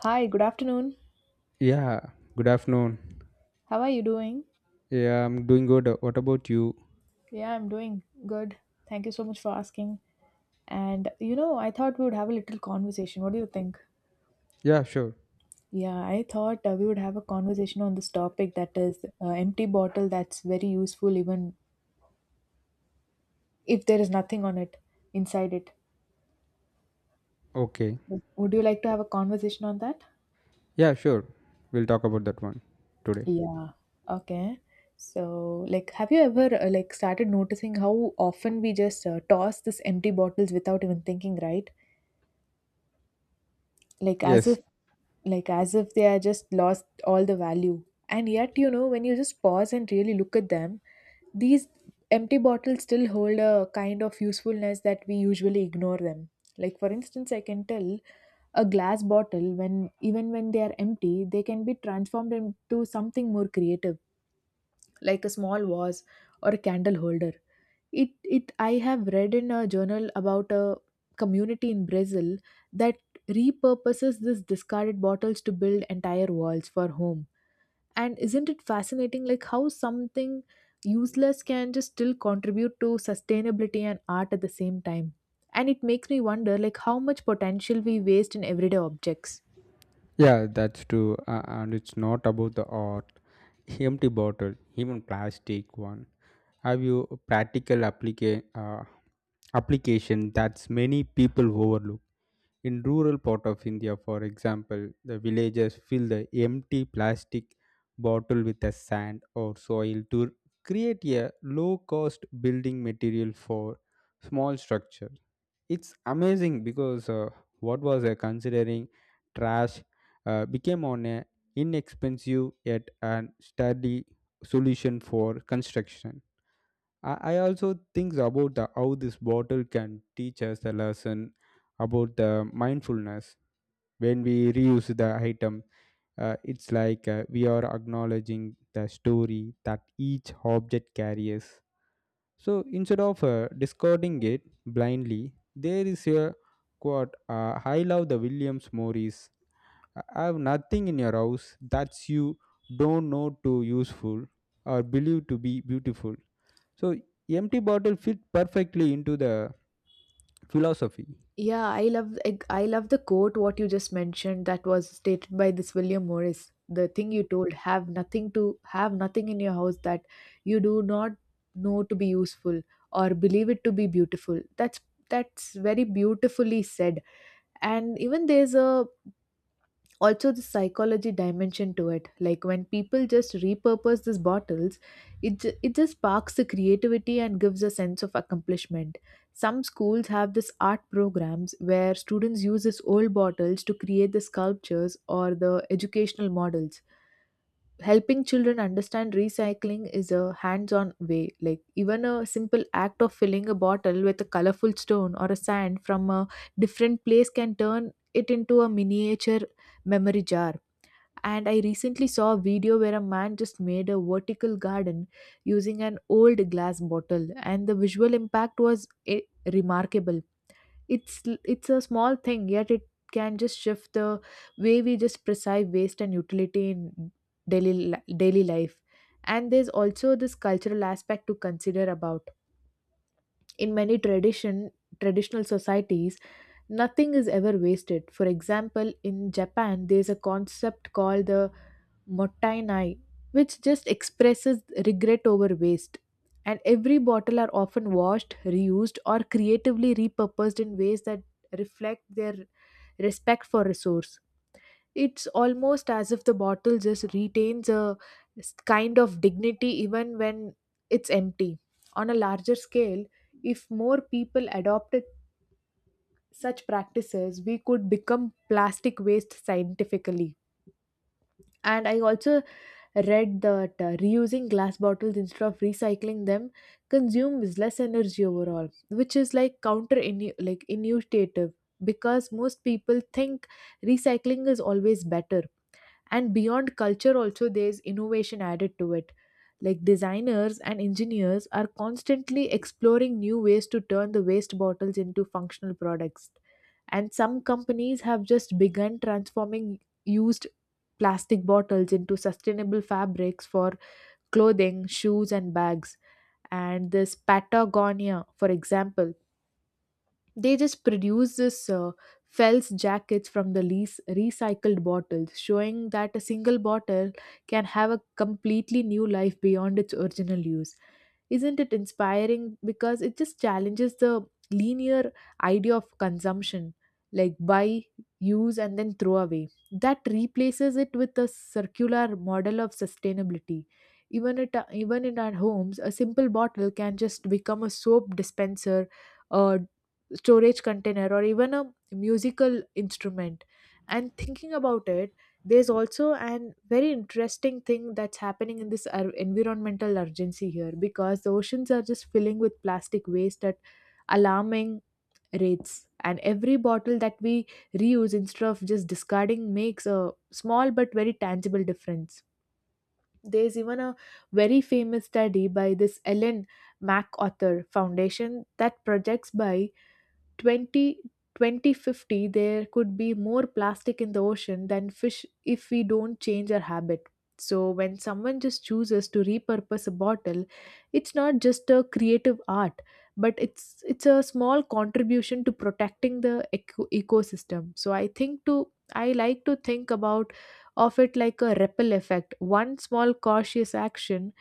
Hi, good afternoon. Yeah, good afternoon. How are you doing? Yeah, I'm doing good. What about you? Yeah, I'm doing good. Thank you so much for asking. And you know, I thought we would have a little conversation. What do you think? Yeah, sure. Yeah, I thought we would have a conversation on this topic that is empty bottle that's very useful even if there is nothing on it inside it. Okay. Would you like to have a conversation on that? Yeah, sure. We'll talk about that one today. Yeah. Okay. So, like, have you ever like started noticing how often we just toss this empty bottles without even thinking, right? like as Yes. if like as if they are just lost all the value. And yet you know, when you just pause and really look at them, these empty bottles still hold a kind of usefulness that we usually ignore them. Like for instance, I can tell a glass bottle, when even when they are empty, they can be transformed into something more creative, like a small vase or a candle holder. It I have read in a journal about a community in Brazil that repurposes this discarded bottles to build entire walls for home. And isn't it fascinating like how something useless can just still contribute to sustainability and art at the same time? And it makes me wonder like how much potential we waste in everyday objects. Yeah, that's true. And it's not about the art. Empty bottle, even plastic one. Have you a practical application that's many people overlook? In rural part of India, for example, the villagers fill the empty plastic bottle with the sand or soil to create a low cost building material for small structure. It's amazing because what was considering trash became on a inexpensive yet an sturdy solution for construction. I also think about how this bottle can teach us a lesson about the mindfulness when we reuse the item. It's like we are acknowledging the story that each object carries. So instead of discarding it blindly, there is a quote I love the Williams Morris. I have nothing in your house that you don't know to useful or believe to be beautiful. So empty bottle fit perfectly into the philosophy. Yeah, I love I love the quote what you just mentioned that was stated by this William Morris. The thing you told, have nothing to have nothing in your house that you do not know to be useful or believe it to be beautiful. That's very beautifully said. And even there's a also the psychology dimension to it, like when people just repurpose these bottles, it just sparks the creativity and gives a sense of accomplishment. Some schools have this art programs where students use these old bottles to create the sculptures or the educational models, helping children understand recycling is a hands-on way. Like even a simple act of filling a bottle with a colorful stone or a sand from a different place can turn it into a miniature memory jar. And I recently saw a video where a man just made a vertical garden using an old glass bottle, and the visual impact was remarkable. It's a small thing, yet it can just shift the way we just perceive waste and utility in daily life. And there's also this cultural aspect to consider about. In many traditional societies, nothing is ever wasted. For example, in Japan, there's a concept called the Mottainai, which just expresses regret over waste. And every bottle are often washed, reused, or creatively repurposed in ways that reflect their respect for resource. It's almost as if the bottle just retains a kind of dignity even when it's empty. On a larger scale, if more people adopted such practices, we could become plastic waste scientifically. And I also read that reusing glass bottles instead of recycling them consumes less energy overall, which is like counter, like intuitive, because most people think recycling is always better. And beyond culture also, there's innovation added to it, like designers and engineers are constantly exploring new ways to turn the waste bottles into functional products. And some companies have just begun transforming used plastic bottles into sustainable fabrics for clothing, shoes and bags. And this Patagonia, for example, they just produce this Fels jackets from the lease recycled bottles, showing that a single bottle can have a completely new life beyond its original use. Isn't it inspiring? Because it just challenges the linear idea of consumption, like buy, use, and then throw away. That replaces it with a circular model of sustainability. Even in our homes, a simple bottle can just become a soap dispenser, a storage container or even a musical instrument. And thinking about it, there's also an very interesting thing that's happening in this environmental urgency here, because the oceans are just filling with plastic waste at alarming rates. And every bottle that we reuse instead of just discarding makes a small but very tangible difference. There's even a very famous study by this Ellen MacArthur Foundation that projects by 20 2050, there could be more plastic in the ocean than fish if we don't change our habit. So, when someone just chooses to repurpose a bottle, it's not just a creative art, but it's a small contribution to protecting the ecosystem. So, I think to I like to think about of it like a ripple effect. One small cautious action,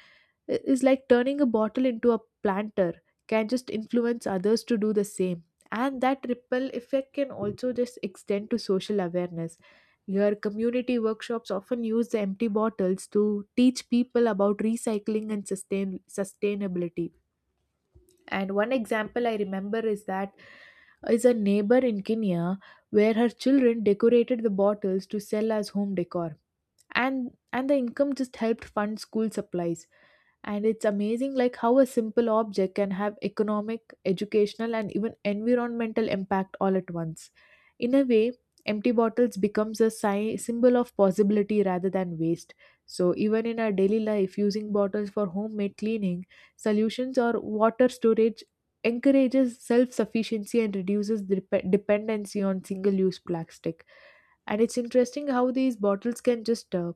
is like turning a bottle into a planter, can just influence others to do the same. And that ripple effect can also just extend to social awareness. Your community workshops often use the empty bottles to teach people about recycling and sustainability. And one example I remember is that is a neighbor in Kenya, where her children decorated the bottles to sell as home decor. And the income just helped fund school supplies. And it's amazing like how a simple object can have economic, educational and even environmental impact all at once. In a way, empty bottles becomes a symbol of possibility rather than waste. So even in our daily life, using bottles for homemade cleaning solutions or water storage encourages self-sufficiency and reduces dependency on single-use plastic. And it's interesting how these bottles can just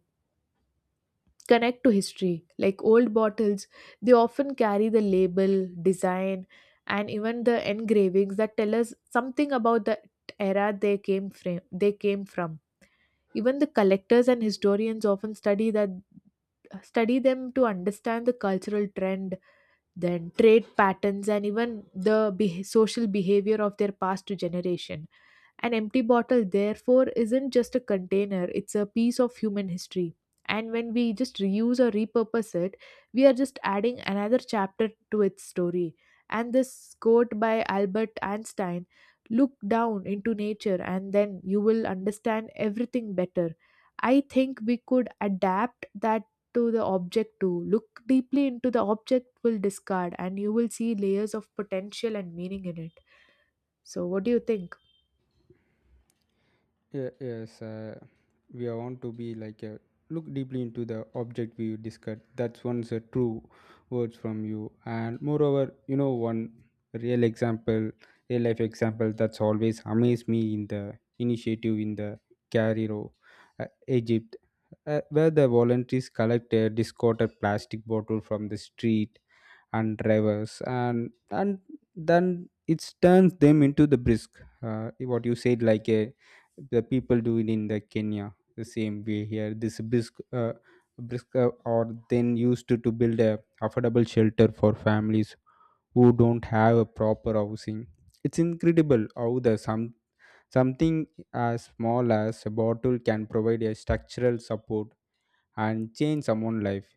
connect to history. Like old bottles, they often carry the label, design, and even the engravings that tell us something about the era they came from. Even the collectors and historians often study that study them to understand the cultural trend, then trade patterns, and even the beh social behavior of their past generation. An empty bottle, therefore, isn't just a container, it's a piece of human history. And when we just reuse or repurpose it, we are just adding another chapter to its story. And this quote by Albert Einstein, look down into nature and then you will understand everything better. I think we could adapt that to the object too. Look deeply into the object we will discard, and you will see layers of potential and meaning in it. So, what do you think? Yeah, yes, we are want to be like a look deeply into the object we discussed. That's one's a true words from you. And moreover, you know, one real example, real life example that's always amazed me in the initiative in the Cairo, Egypt, where the volunteers collect a discarded plastic bottle from the street and drivers, and then it turns them into the brisk. What you said, like a the people do it in the Kenya the same way here. This brisk, brisk are then used to build a affordable shelter for families who don't have a proper housing. It's incredible how the some something as small as a bottle can provide a structural support and change someone's life.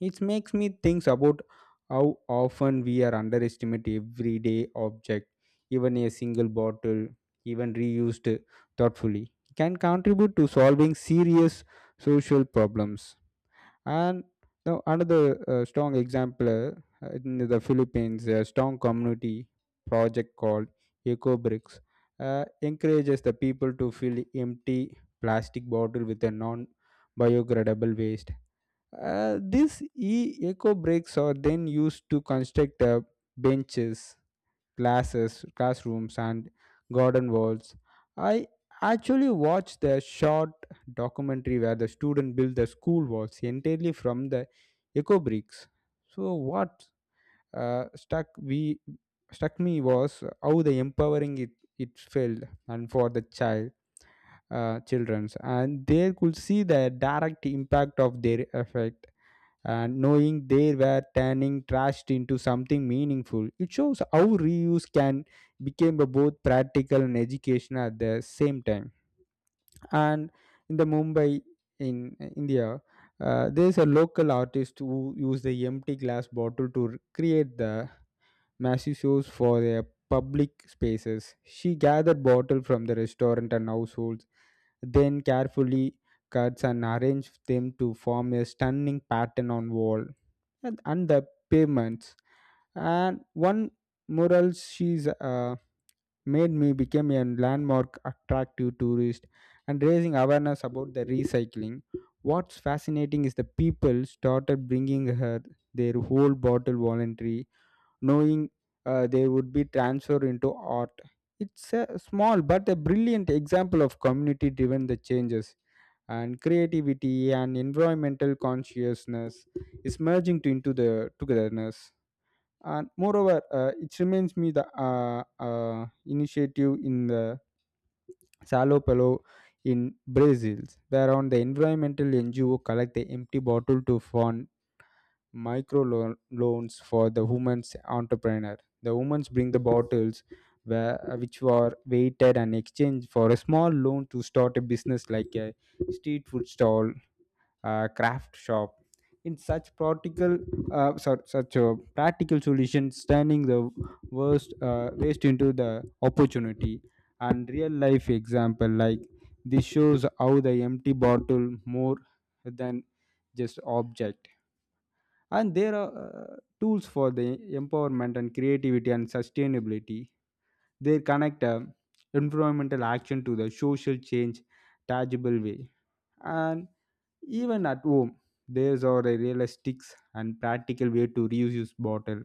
It makes me think about how often we are underestimate everyday object, even a single bottle, even reused thoughtfully, can contribute to solving serious social problems. And now another strong example in the Philippines, a strong community project called Eco Bricks encourages the people to fill empty plastic bottle with a non biodegradable waste. These e-eco breaks are then used to construct benches, classes, classrooms, and garden walls. I actually watched the short documentary where the student built the school walls entirely from the eco bricks. So what stuck we struck me was how the empowering it it felt and for the childrens and they could see the direct impact of their effect and knowing they were turning trash into something meaningful. It shows how reuse can become a both practical and educational at the same time. And in the Mumbai in India, there's a local artist who used the empty glass bottle to create the massive shows for their public spaces. She gathered bottle from the restaurant and households, then carefully cuts and arranged them to form a stunning pattern on wall and the pavements. And one mural she's made me became a landmark attractive tourist and raising awareness about the recycling. What's fascinating is the people started bringing her their whole bottle voluntary knowing they would be transferred into art. It's a small but a brilliant example of community driven the changes and creativity and environmental consciousness is merging into the togetherness. And moreover, it reminds me the initiative in the Salo Pelo in Brazil, where on the environmental NGO collect the empty bottle to fund loans for the women's entrepreneur. The women's bring the bottles where, which were weighted and exchanged for a small loan to start a business like a street food stall, a craft shop. In such practical, such a practical solution, turning the worst waste into the opportunity, and real life example like this shows how the empty bottle more than just object and there are tools for the empowerment and creativity and sustainability. They connect environmental action to the social change tangible way. And even at home there's are a realistic and practical way to reuse bottle.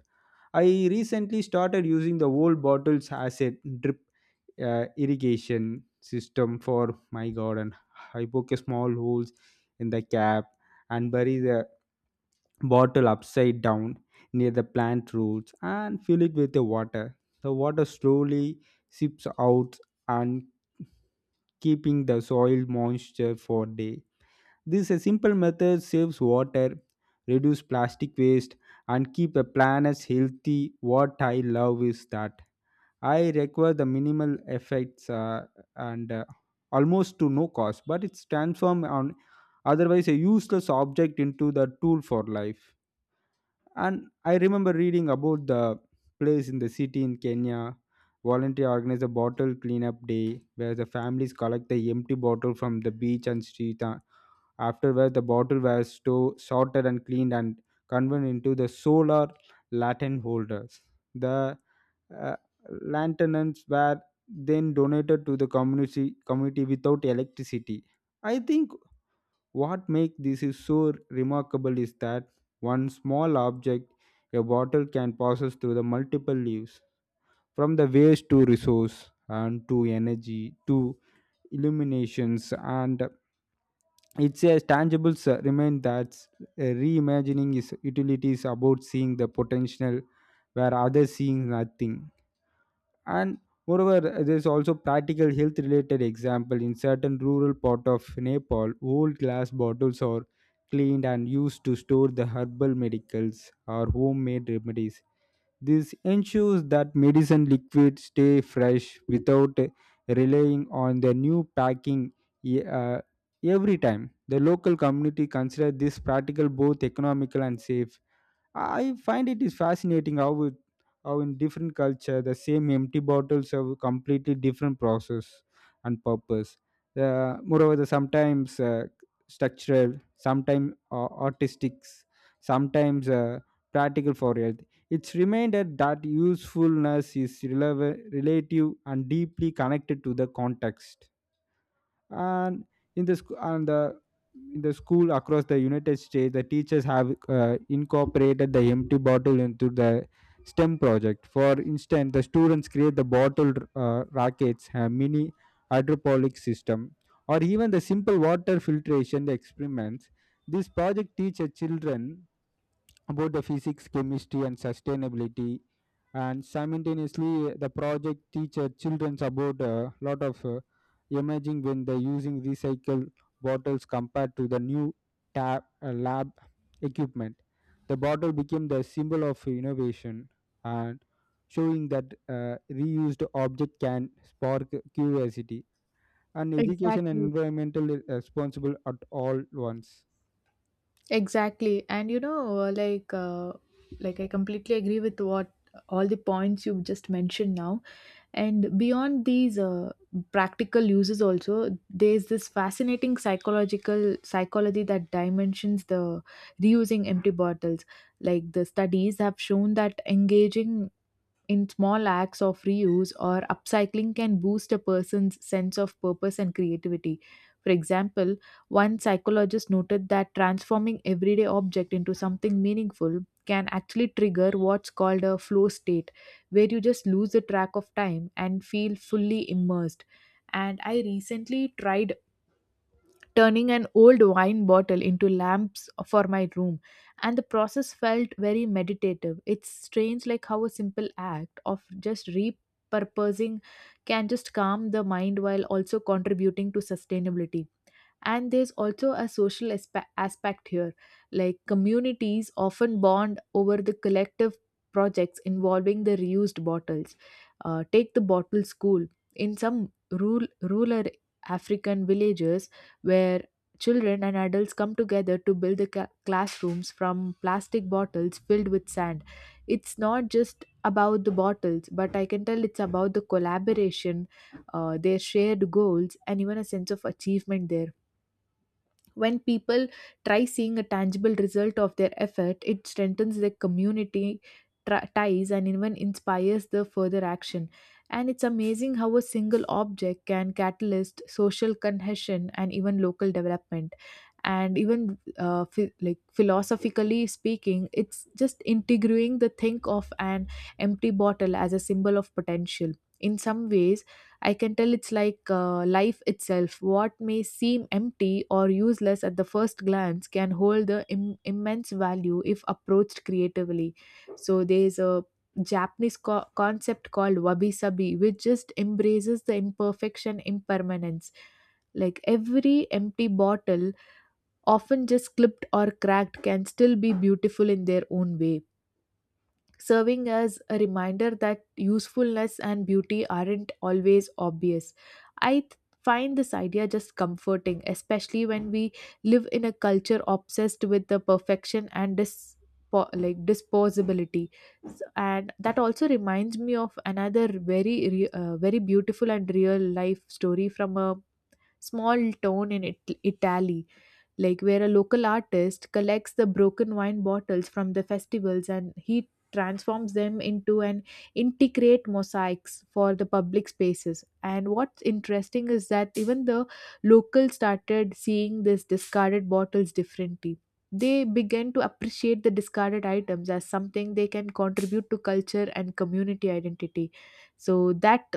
I recently started using the old bottles as a drip irrigation system for my garden. I poke small holes in the cap and bury the bottle upside down near the plant roots and fill it with the water. The water slowly seeps out and keeping the soil moisture for day. This a simple method saves water, reduce plastic waste and keep a planet healthy. What I love is that I require the minimal effects and almost to no cost, but it's transformed on otherwise a useless object into the tool for life. And I remember reading about the place in the city in Kenya. Volunteer organized a bottle cleanup day where the families collect the empty bottle from the beach and street. Afterward, the bottle was sorted and cleaned and converted into the solar lantern holders. The uh, lanterns were then donated to the community without electricity. I think what makes this is so remarkable is that one small object, a bottle, can passes through the multiple leaves, from the waste to resource and to energy to illuminations, and it's a tangible remind that reimagining its utilities about seeing the potential where others seeing nothing. And moreover there's also practical health related example in certain rural part of Nepal. Old glass bottles are cleaned and used to store the herbal medicals or homemade remedies. This ensures that medicine liquids stay fresh without relying on the new packing. e- uh, every time the local community consider this practical both economical and safe. I find it is fascinating how in different culture the same empty bottles have completely different process and purpose. The moreover, the sometimes structural, sometimes artistic, sometimes practical for health. It's reminder that usefulness is relative and deeply connected to the context. And in the sc- and the in the school across the United States the teachers have incorporated the empty bottle into the STEM project. For instance the students create the bottle rockets, a mini hydroponic system or even the simple water filtration experiments. This project teaches children about the physics, chemistry, and sustainability. And simultaneously, the project teaches children about a lot of emerging when they're using recycled bottles compared to the new lab equipment. The bottle became the symbol of innovation and showing that reused object can spark curiosity and education and Exactly. environmental responsible at all once. Exactly. And you know, like I completely agree with what all the points you've just mentioned now. And beyond these practical uses, also, there's this fascinating psychological psychology that dimensions the reusing empty bottles. Like, the studies have shown that engaging in small acts of reuse or upcycling can boost a person's sense of purpose and creativity. For example, one psychologist noted that transforming everyday object into something meaningful can actually trigger what's called a flow state, where you just lose the track of time and feel fully immersed. And I recently tried turning an old wine bottle into lamps for my room, and the process felt very meditative. It's strange like how a simple act of just repurposing can just calm the mind while also contributing to sustainability. And there's also a social aspect here, like communities often bond over the collective projects involving the reused bottles. Take the bottle school in some rural African villages, where children and adults come together to build the classrooms from plastic bottles filled with sand. It's not just about the bottles, but I can tell it's about the collaboration, their shared goals and even a sense of achievement there. When people try seeing a tangible result of their effort, it strengthens their community ties and even inspires the further action. And it's amazing how a single object can catalyst social cohesion and even local development. And even like philosophically speaking, it's just integrating the think of an empty bottle as a symbol of potential. In some ways, I can tell it's like life itself. What may seem empty or useless at the first glance can hold the immense value if approached creatively. So there's a Japanese concept called wabi sabi, which just embraces the imperfection, impermanence. Like every empty bottle, often just clipped or cracked, can still be beautiful in their own way, serving as a reminder that usefulness and beauty aren't always obvious. I th- find this idea just comforting, especially when we live in a culture obsessed with the perfection and disposability. And that also reminds me of another very beautiful and real life story from a small town in Italy, like where a local artist collects the broken wine bottles from the festivals and he transforms them into an integrate mosaics for the public spaces. And what's interesting is that even the locals started seeing these discarded bottles differently. They began to appreciate the discarded items as something they can contribute to culture and community identity, so that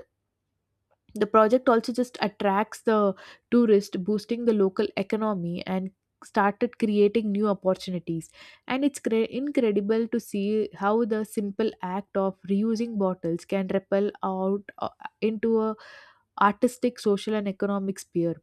the project also just attracts the tourist, boosting the local economy and started creating new opportunities. And incredible to see how the simple act of reusing bottles can ripple out into a artistic, social, and economic sphere.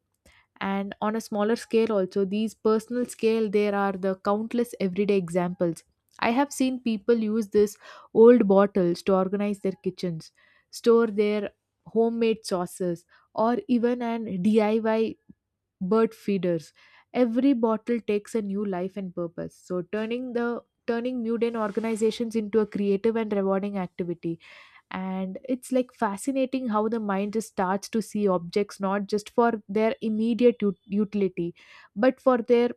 And on a smaller scale also these personal scale, there are the countless everyday examples. I have seen people use this old bottles to organize their kitchens, store their homemade sauces, or even an DIY bird feeders. Every bottle takes a new life and purpose, so turning mundane organizations into a creative and rewarding activity. And it's like fascinating how the mind just starts to see objects not just for their immediate utility, but for their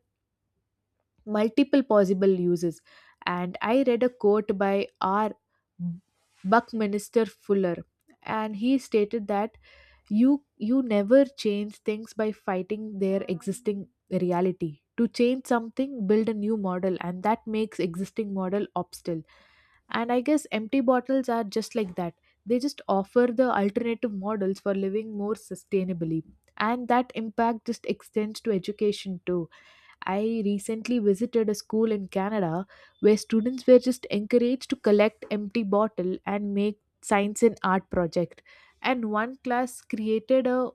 multiple possible uses. And I read a quote by R. Buckminster Fuller, and he stated that you never change things by fighting their existing reality. To change something, build a new model, and that makes existing model obstacle. And I guess empty bottles are just like that. They just offer the alternative models for living more sustainably. And that impact just extends to education too. I recently visited a school in Canada where students were just encouraged to collect empty bottle and make science and art project. And one class created a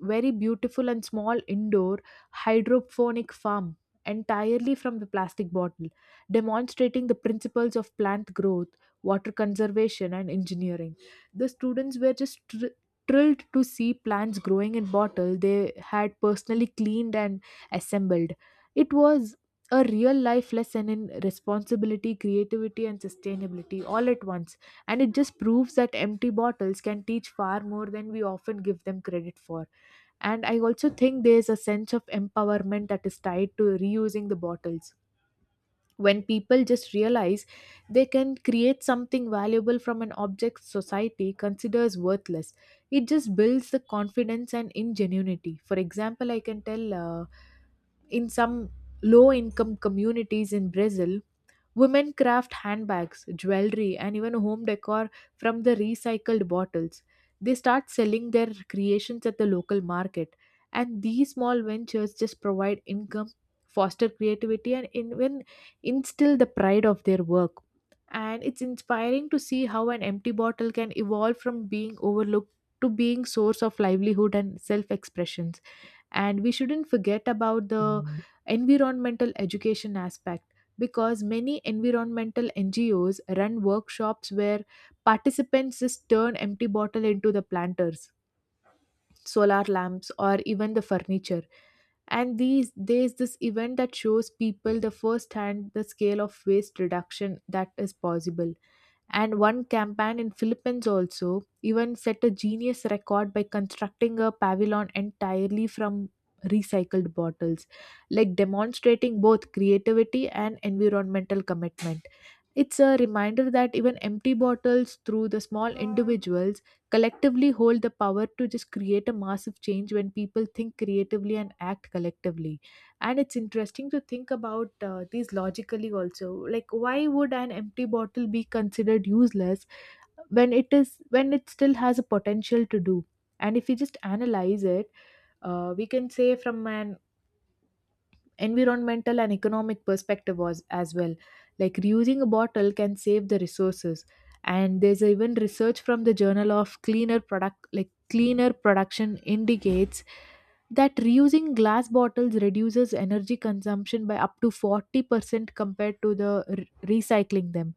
very beautiful and small indoor hydroponic farm entirely from the plastic bottle, demonstrating the principles of plant growth, water conservation, and engineering. The students were just thrilled to see plants growing in bottle they had personally cleaned and assembled. It was a real life lesson in responsibility, creativity, and sustainability all at once, and it just proves that empty bottles can teach far more than we often give them credit for. And I also think there's a sense of empowerment that is tied to reusing the bottles. When people just realize they can create something valuable from an object society considers worthless, it just builds the confidence and ingenuity. For example, I can tell in some low income communities in Brazil, women craft handbags, jewelry, and even home decor from the recycled bottles. They start selling their creations at the local market, and these small ventures just provide income, foster creativity, and even instill the pride of their work. And it's inspiring to see how an empty bottle can evolve from being overlooked to being source of livelihood and self-expression. And we shouldn't forget about the environmental education aspect, because many environmental NGOs run workshops where participants just turn empty bottle into the planters, solar lamps, or even the furniture. And these there's this event that shows people the first hand the scale of waste reduction that is possible. And one campaign in Philippines also even set a genius record by constructing a pavilion entirely from recycled bottles, like demonstrating both creativity and environmental commitment. It's a reminder that even empty bottles, through the small individuals, collectively hold the power to just create a massive change when people think creatively and act collectively. And it's interesting to think about these logically also. Like, why would an empty bottle be considered useless when it still has a potential to do? And if we just analyze it, we can say from an environmental and economic perspective was as well, like reusing a bottle can save the resources. And there's even research from the journal of cleaner product like cleaner production indicates that reusing glass bottles reduces energy consumption by up to 40% compared to recycling them.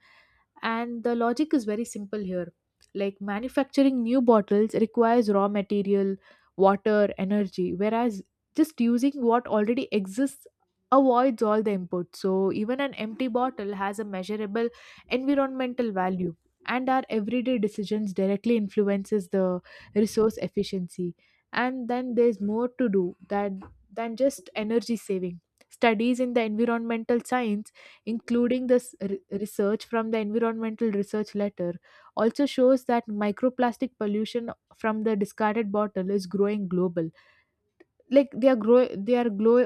And the logic is very simple here, like manufacturing new bottles requires raw material, water, energy, whereas just using what already exists avoids all the inputs. So even an empty bottle has a measurable environmental value, and our everyday decisions directly influences the resource efficiency. And then there's more to do that than just energy saving. Studies in the environmental science, including research from the environmental research letter, also shows that microplastic pollution from the discarded bottle is growing global. Like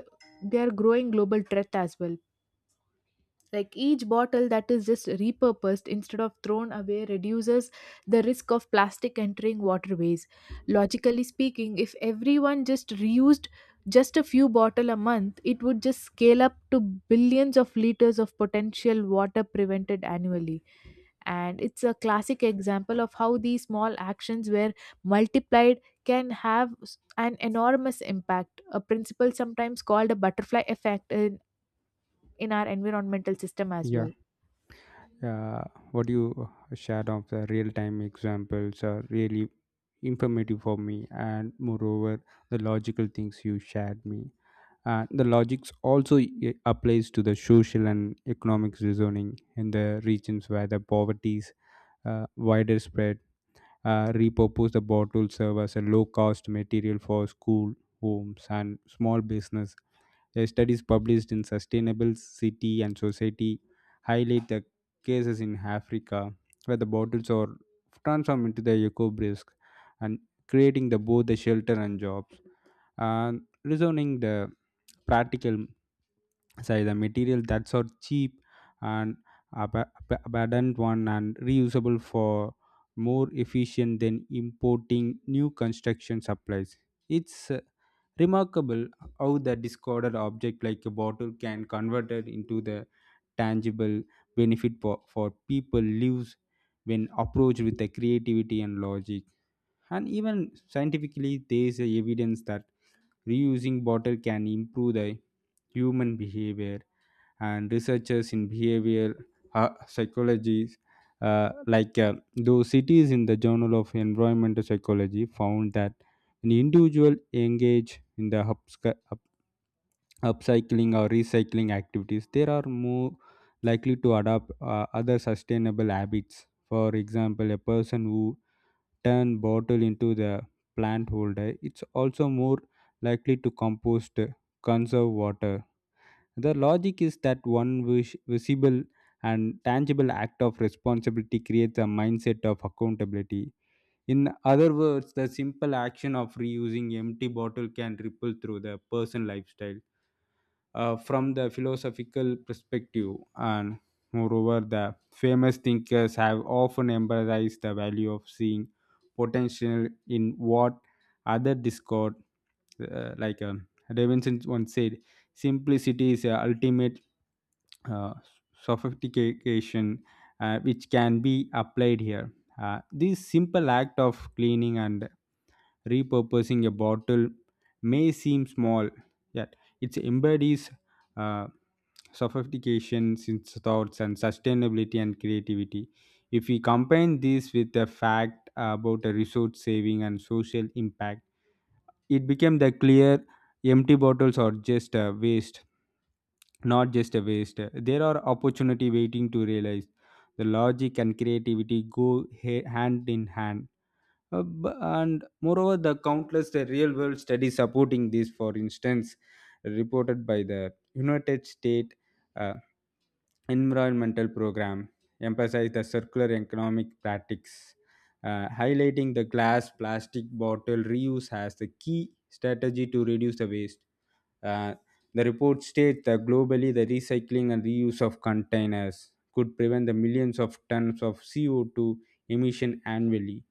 they are growing global threat as well. Like each bottle that is just repurposed instead of thrown away reduces the risk of plastic entering waterways. Logically speaking, if everyone just reused just a few bottle a month, it would just scale up to billions of liters of potential water prevented annually. And it's a classic example of how these small actions were multiplied can an enormous impact, a principle sometimes called a butterfly effect in our environmental system as Yeah, well. uh, what you shared of the real time examples are really informative for me, and moreover, the logical things you shared me. And the logics also applies to the social and economics reasoning in the regions where the poverty is wider spread. Repurpose the bottle serve as a low cost material for school homes and small business. A studies published in sustainable city and society highlight the cases in Africa where the bottles are transformed into the eco brisk and creating the both the shelter and jobs and reasoning the practical say the material that's are cheap and abundant one and reusable for more efficient than importing new construction supplies. It's remarkable how the discarded object like a bottle can convert it into the tangible benefit for people lives when approached with the creativity and logic. And even scientifically there is a evidence that reusing bottle can improve the human behavior and researchers in behavioral psychology, those cities in the journal of environmental psychology found that when individuals engage in the upcycling or recycling activities they are more likely to adopt other sustainable habits. For example a person who turn bottle into the plant holder it's also more likely to compost, conserve water. The logic is that one visible and tangible act of responsibility creates a mindset of accountability. In other words, the simple action of reusing empty bottle can ripple through the person lifestyle from the philosophical perspective. And moreover, the famous thinkers have often emphasized the value of seeing potential in what other discord, Davidson once said, simplicity is the ultimate uh, sophistication which can be applied here. This simple act of cleaning and repurposing a bottle may seem small, yet it embodies uh, sophistication, since thoughts, and sustainability and creativity. If we combine this with the fact about a resource saving and social impact, it became the clear empty bottles are just a waste, not just a waste, there are opportunity waiting to realize. The logic and creativity go hand in hand. Uh, b- and moreover the countless real world studies supporting this. For instance reported by the United States uh, environmental program emphasize the circular economic practices, highlighting the glass, plastic bottle reuse as the key strategy to reduce the waste. Uh, the report states that globally, the recycling and reuse of containers could prevent the millions of tons of CO2 emission annually.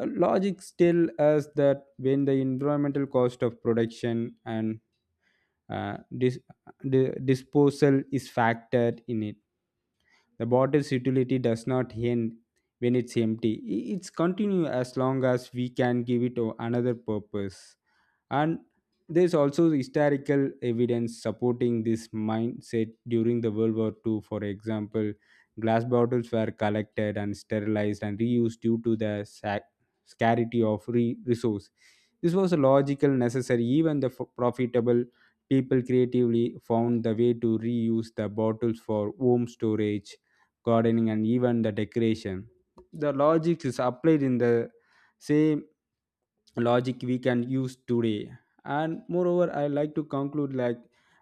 Logic still us that when the environmental cost of production and uh, dis- disposal is factored in it the bottle's utility does not end when it's empty. It's continue as long as we can give it another purpose. And there's also historical evidence supporting this mindset during the World War II. For example, glass bottles were collected and sterilized and reused due to the scarcity of resource. This was a logical necessary. Even the profitable people creatively found the way to reuse the bottles for home storage, gardening and even the decoration. The logic is applied in the same logic we can use today. And moreover, I like to conclude like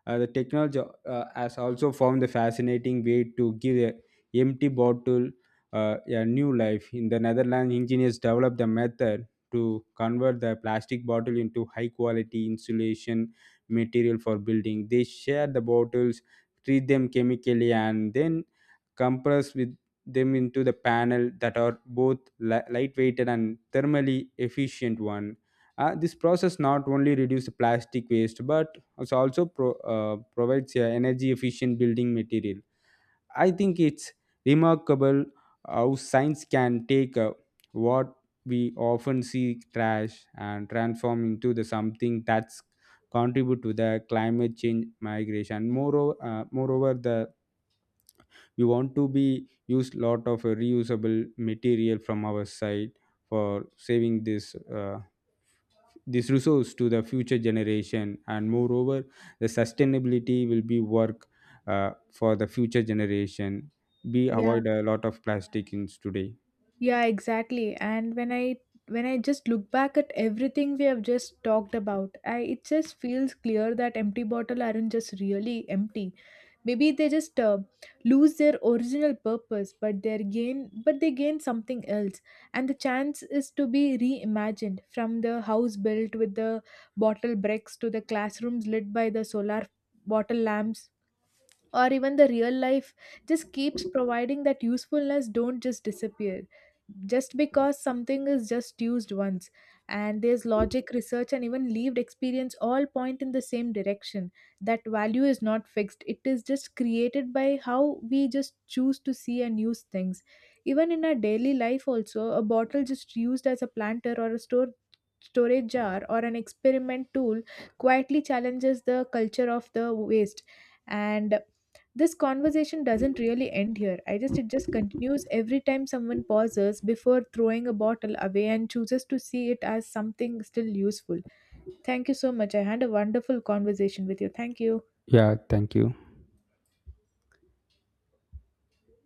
the technology has also found the fascinating way to give a empty bottle a new life. In the Netherlands, engineers developed the method to convert the plastic bottle into high quality insulation material for building. They share the bottles, treat them chemically, and then compress with them into the panel that are both lightweighted and thermally efficient one. This process not only reduce the plastic waste but it also provides a energy efficient building material. I think it's remarkable how science can take what we often see trash and transform into the something that's contribute to the climate change migration. Moreover the we want to be use lot of reusable material from our side for saving this this resource to the future generation. And moreover the sustainability will be work for the future generation. We Yeah, avoid a lot of plastic in today. yeah, exactly. And when I just look back at everything we have just talked about, I it just feels clear that empty bottle aren't just really empty. Maybe they just lose their original purpose, but they gain something else. And the chance is to be reimagined, from the house built with the bottle bricks to the classrooms lit by the solar bottle lamps or even the real life, just keeps providing that usefulness. Don't just disappear just because something is just used once. And there's logic, research, and even lived experience all point in the same direction, that value is not fixed, it is just created by how we just choose to see and use things. Even in our daily life also, a bottle just used as a planter or a store storage jar or an experiment tool quietly challenges the culture of the waste. And this conversation doesn't really end here. I just it just continues every time someone pauses before throwing a bottle away and chooses to see it as something still useful. Thank you so much, I had a wonderful conversation with you. Thank you. Yeah, thank you.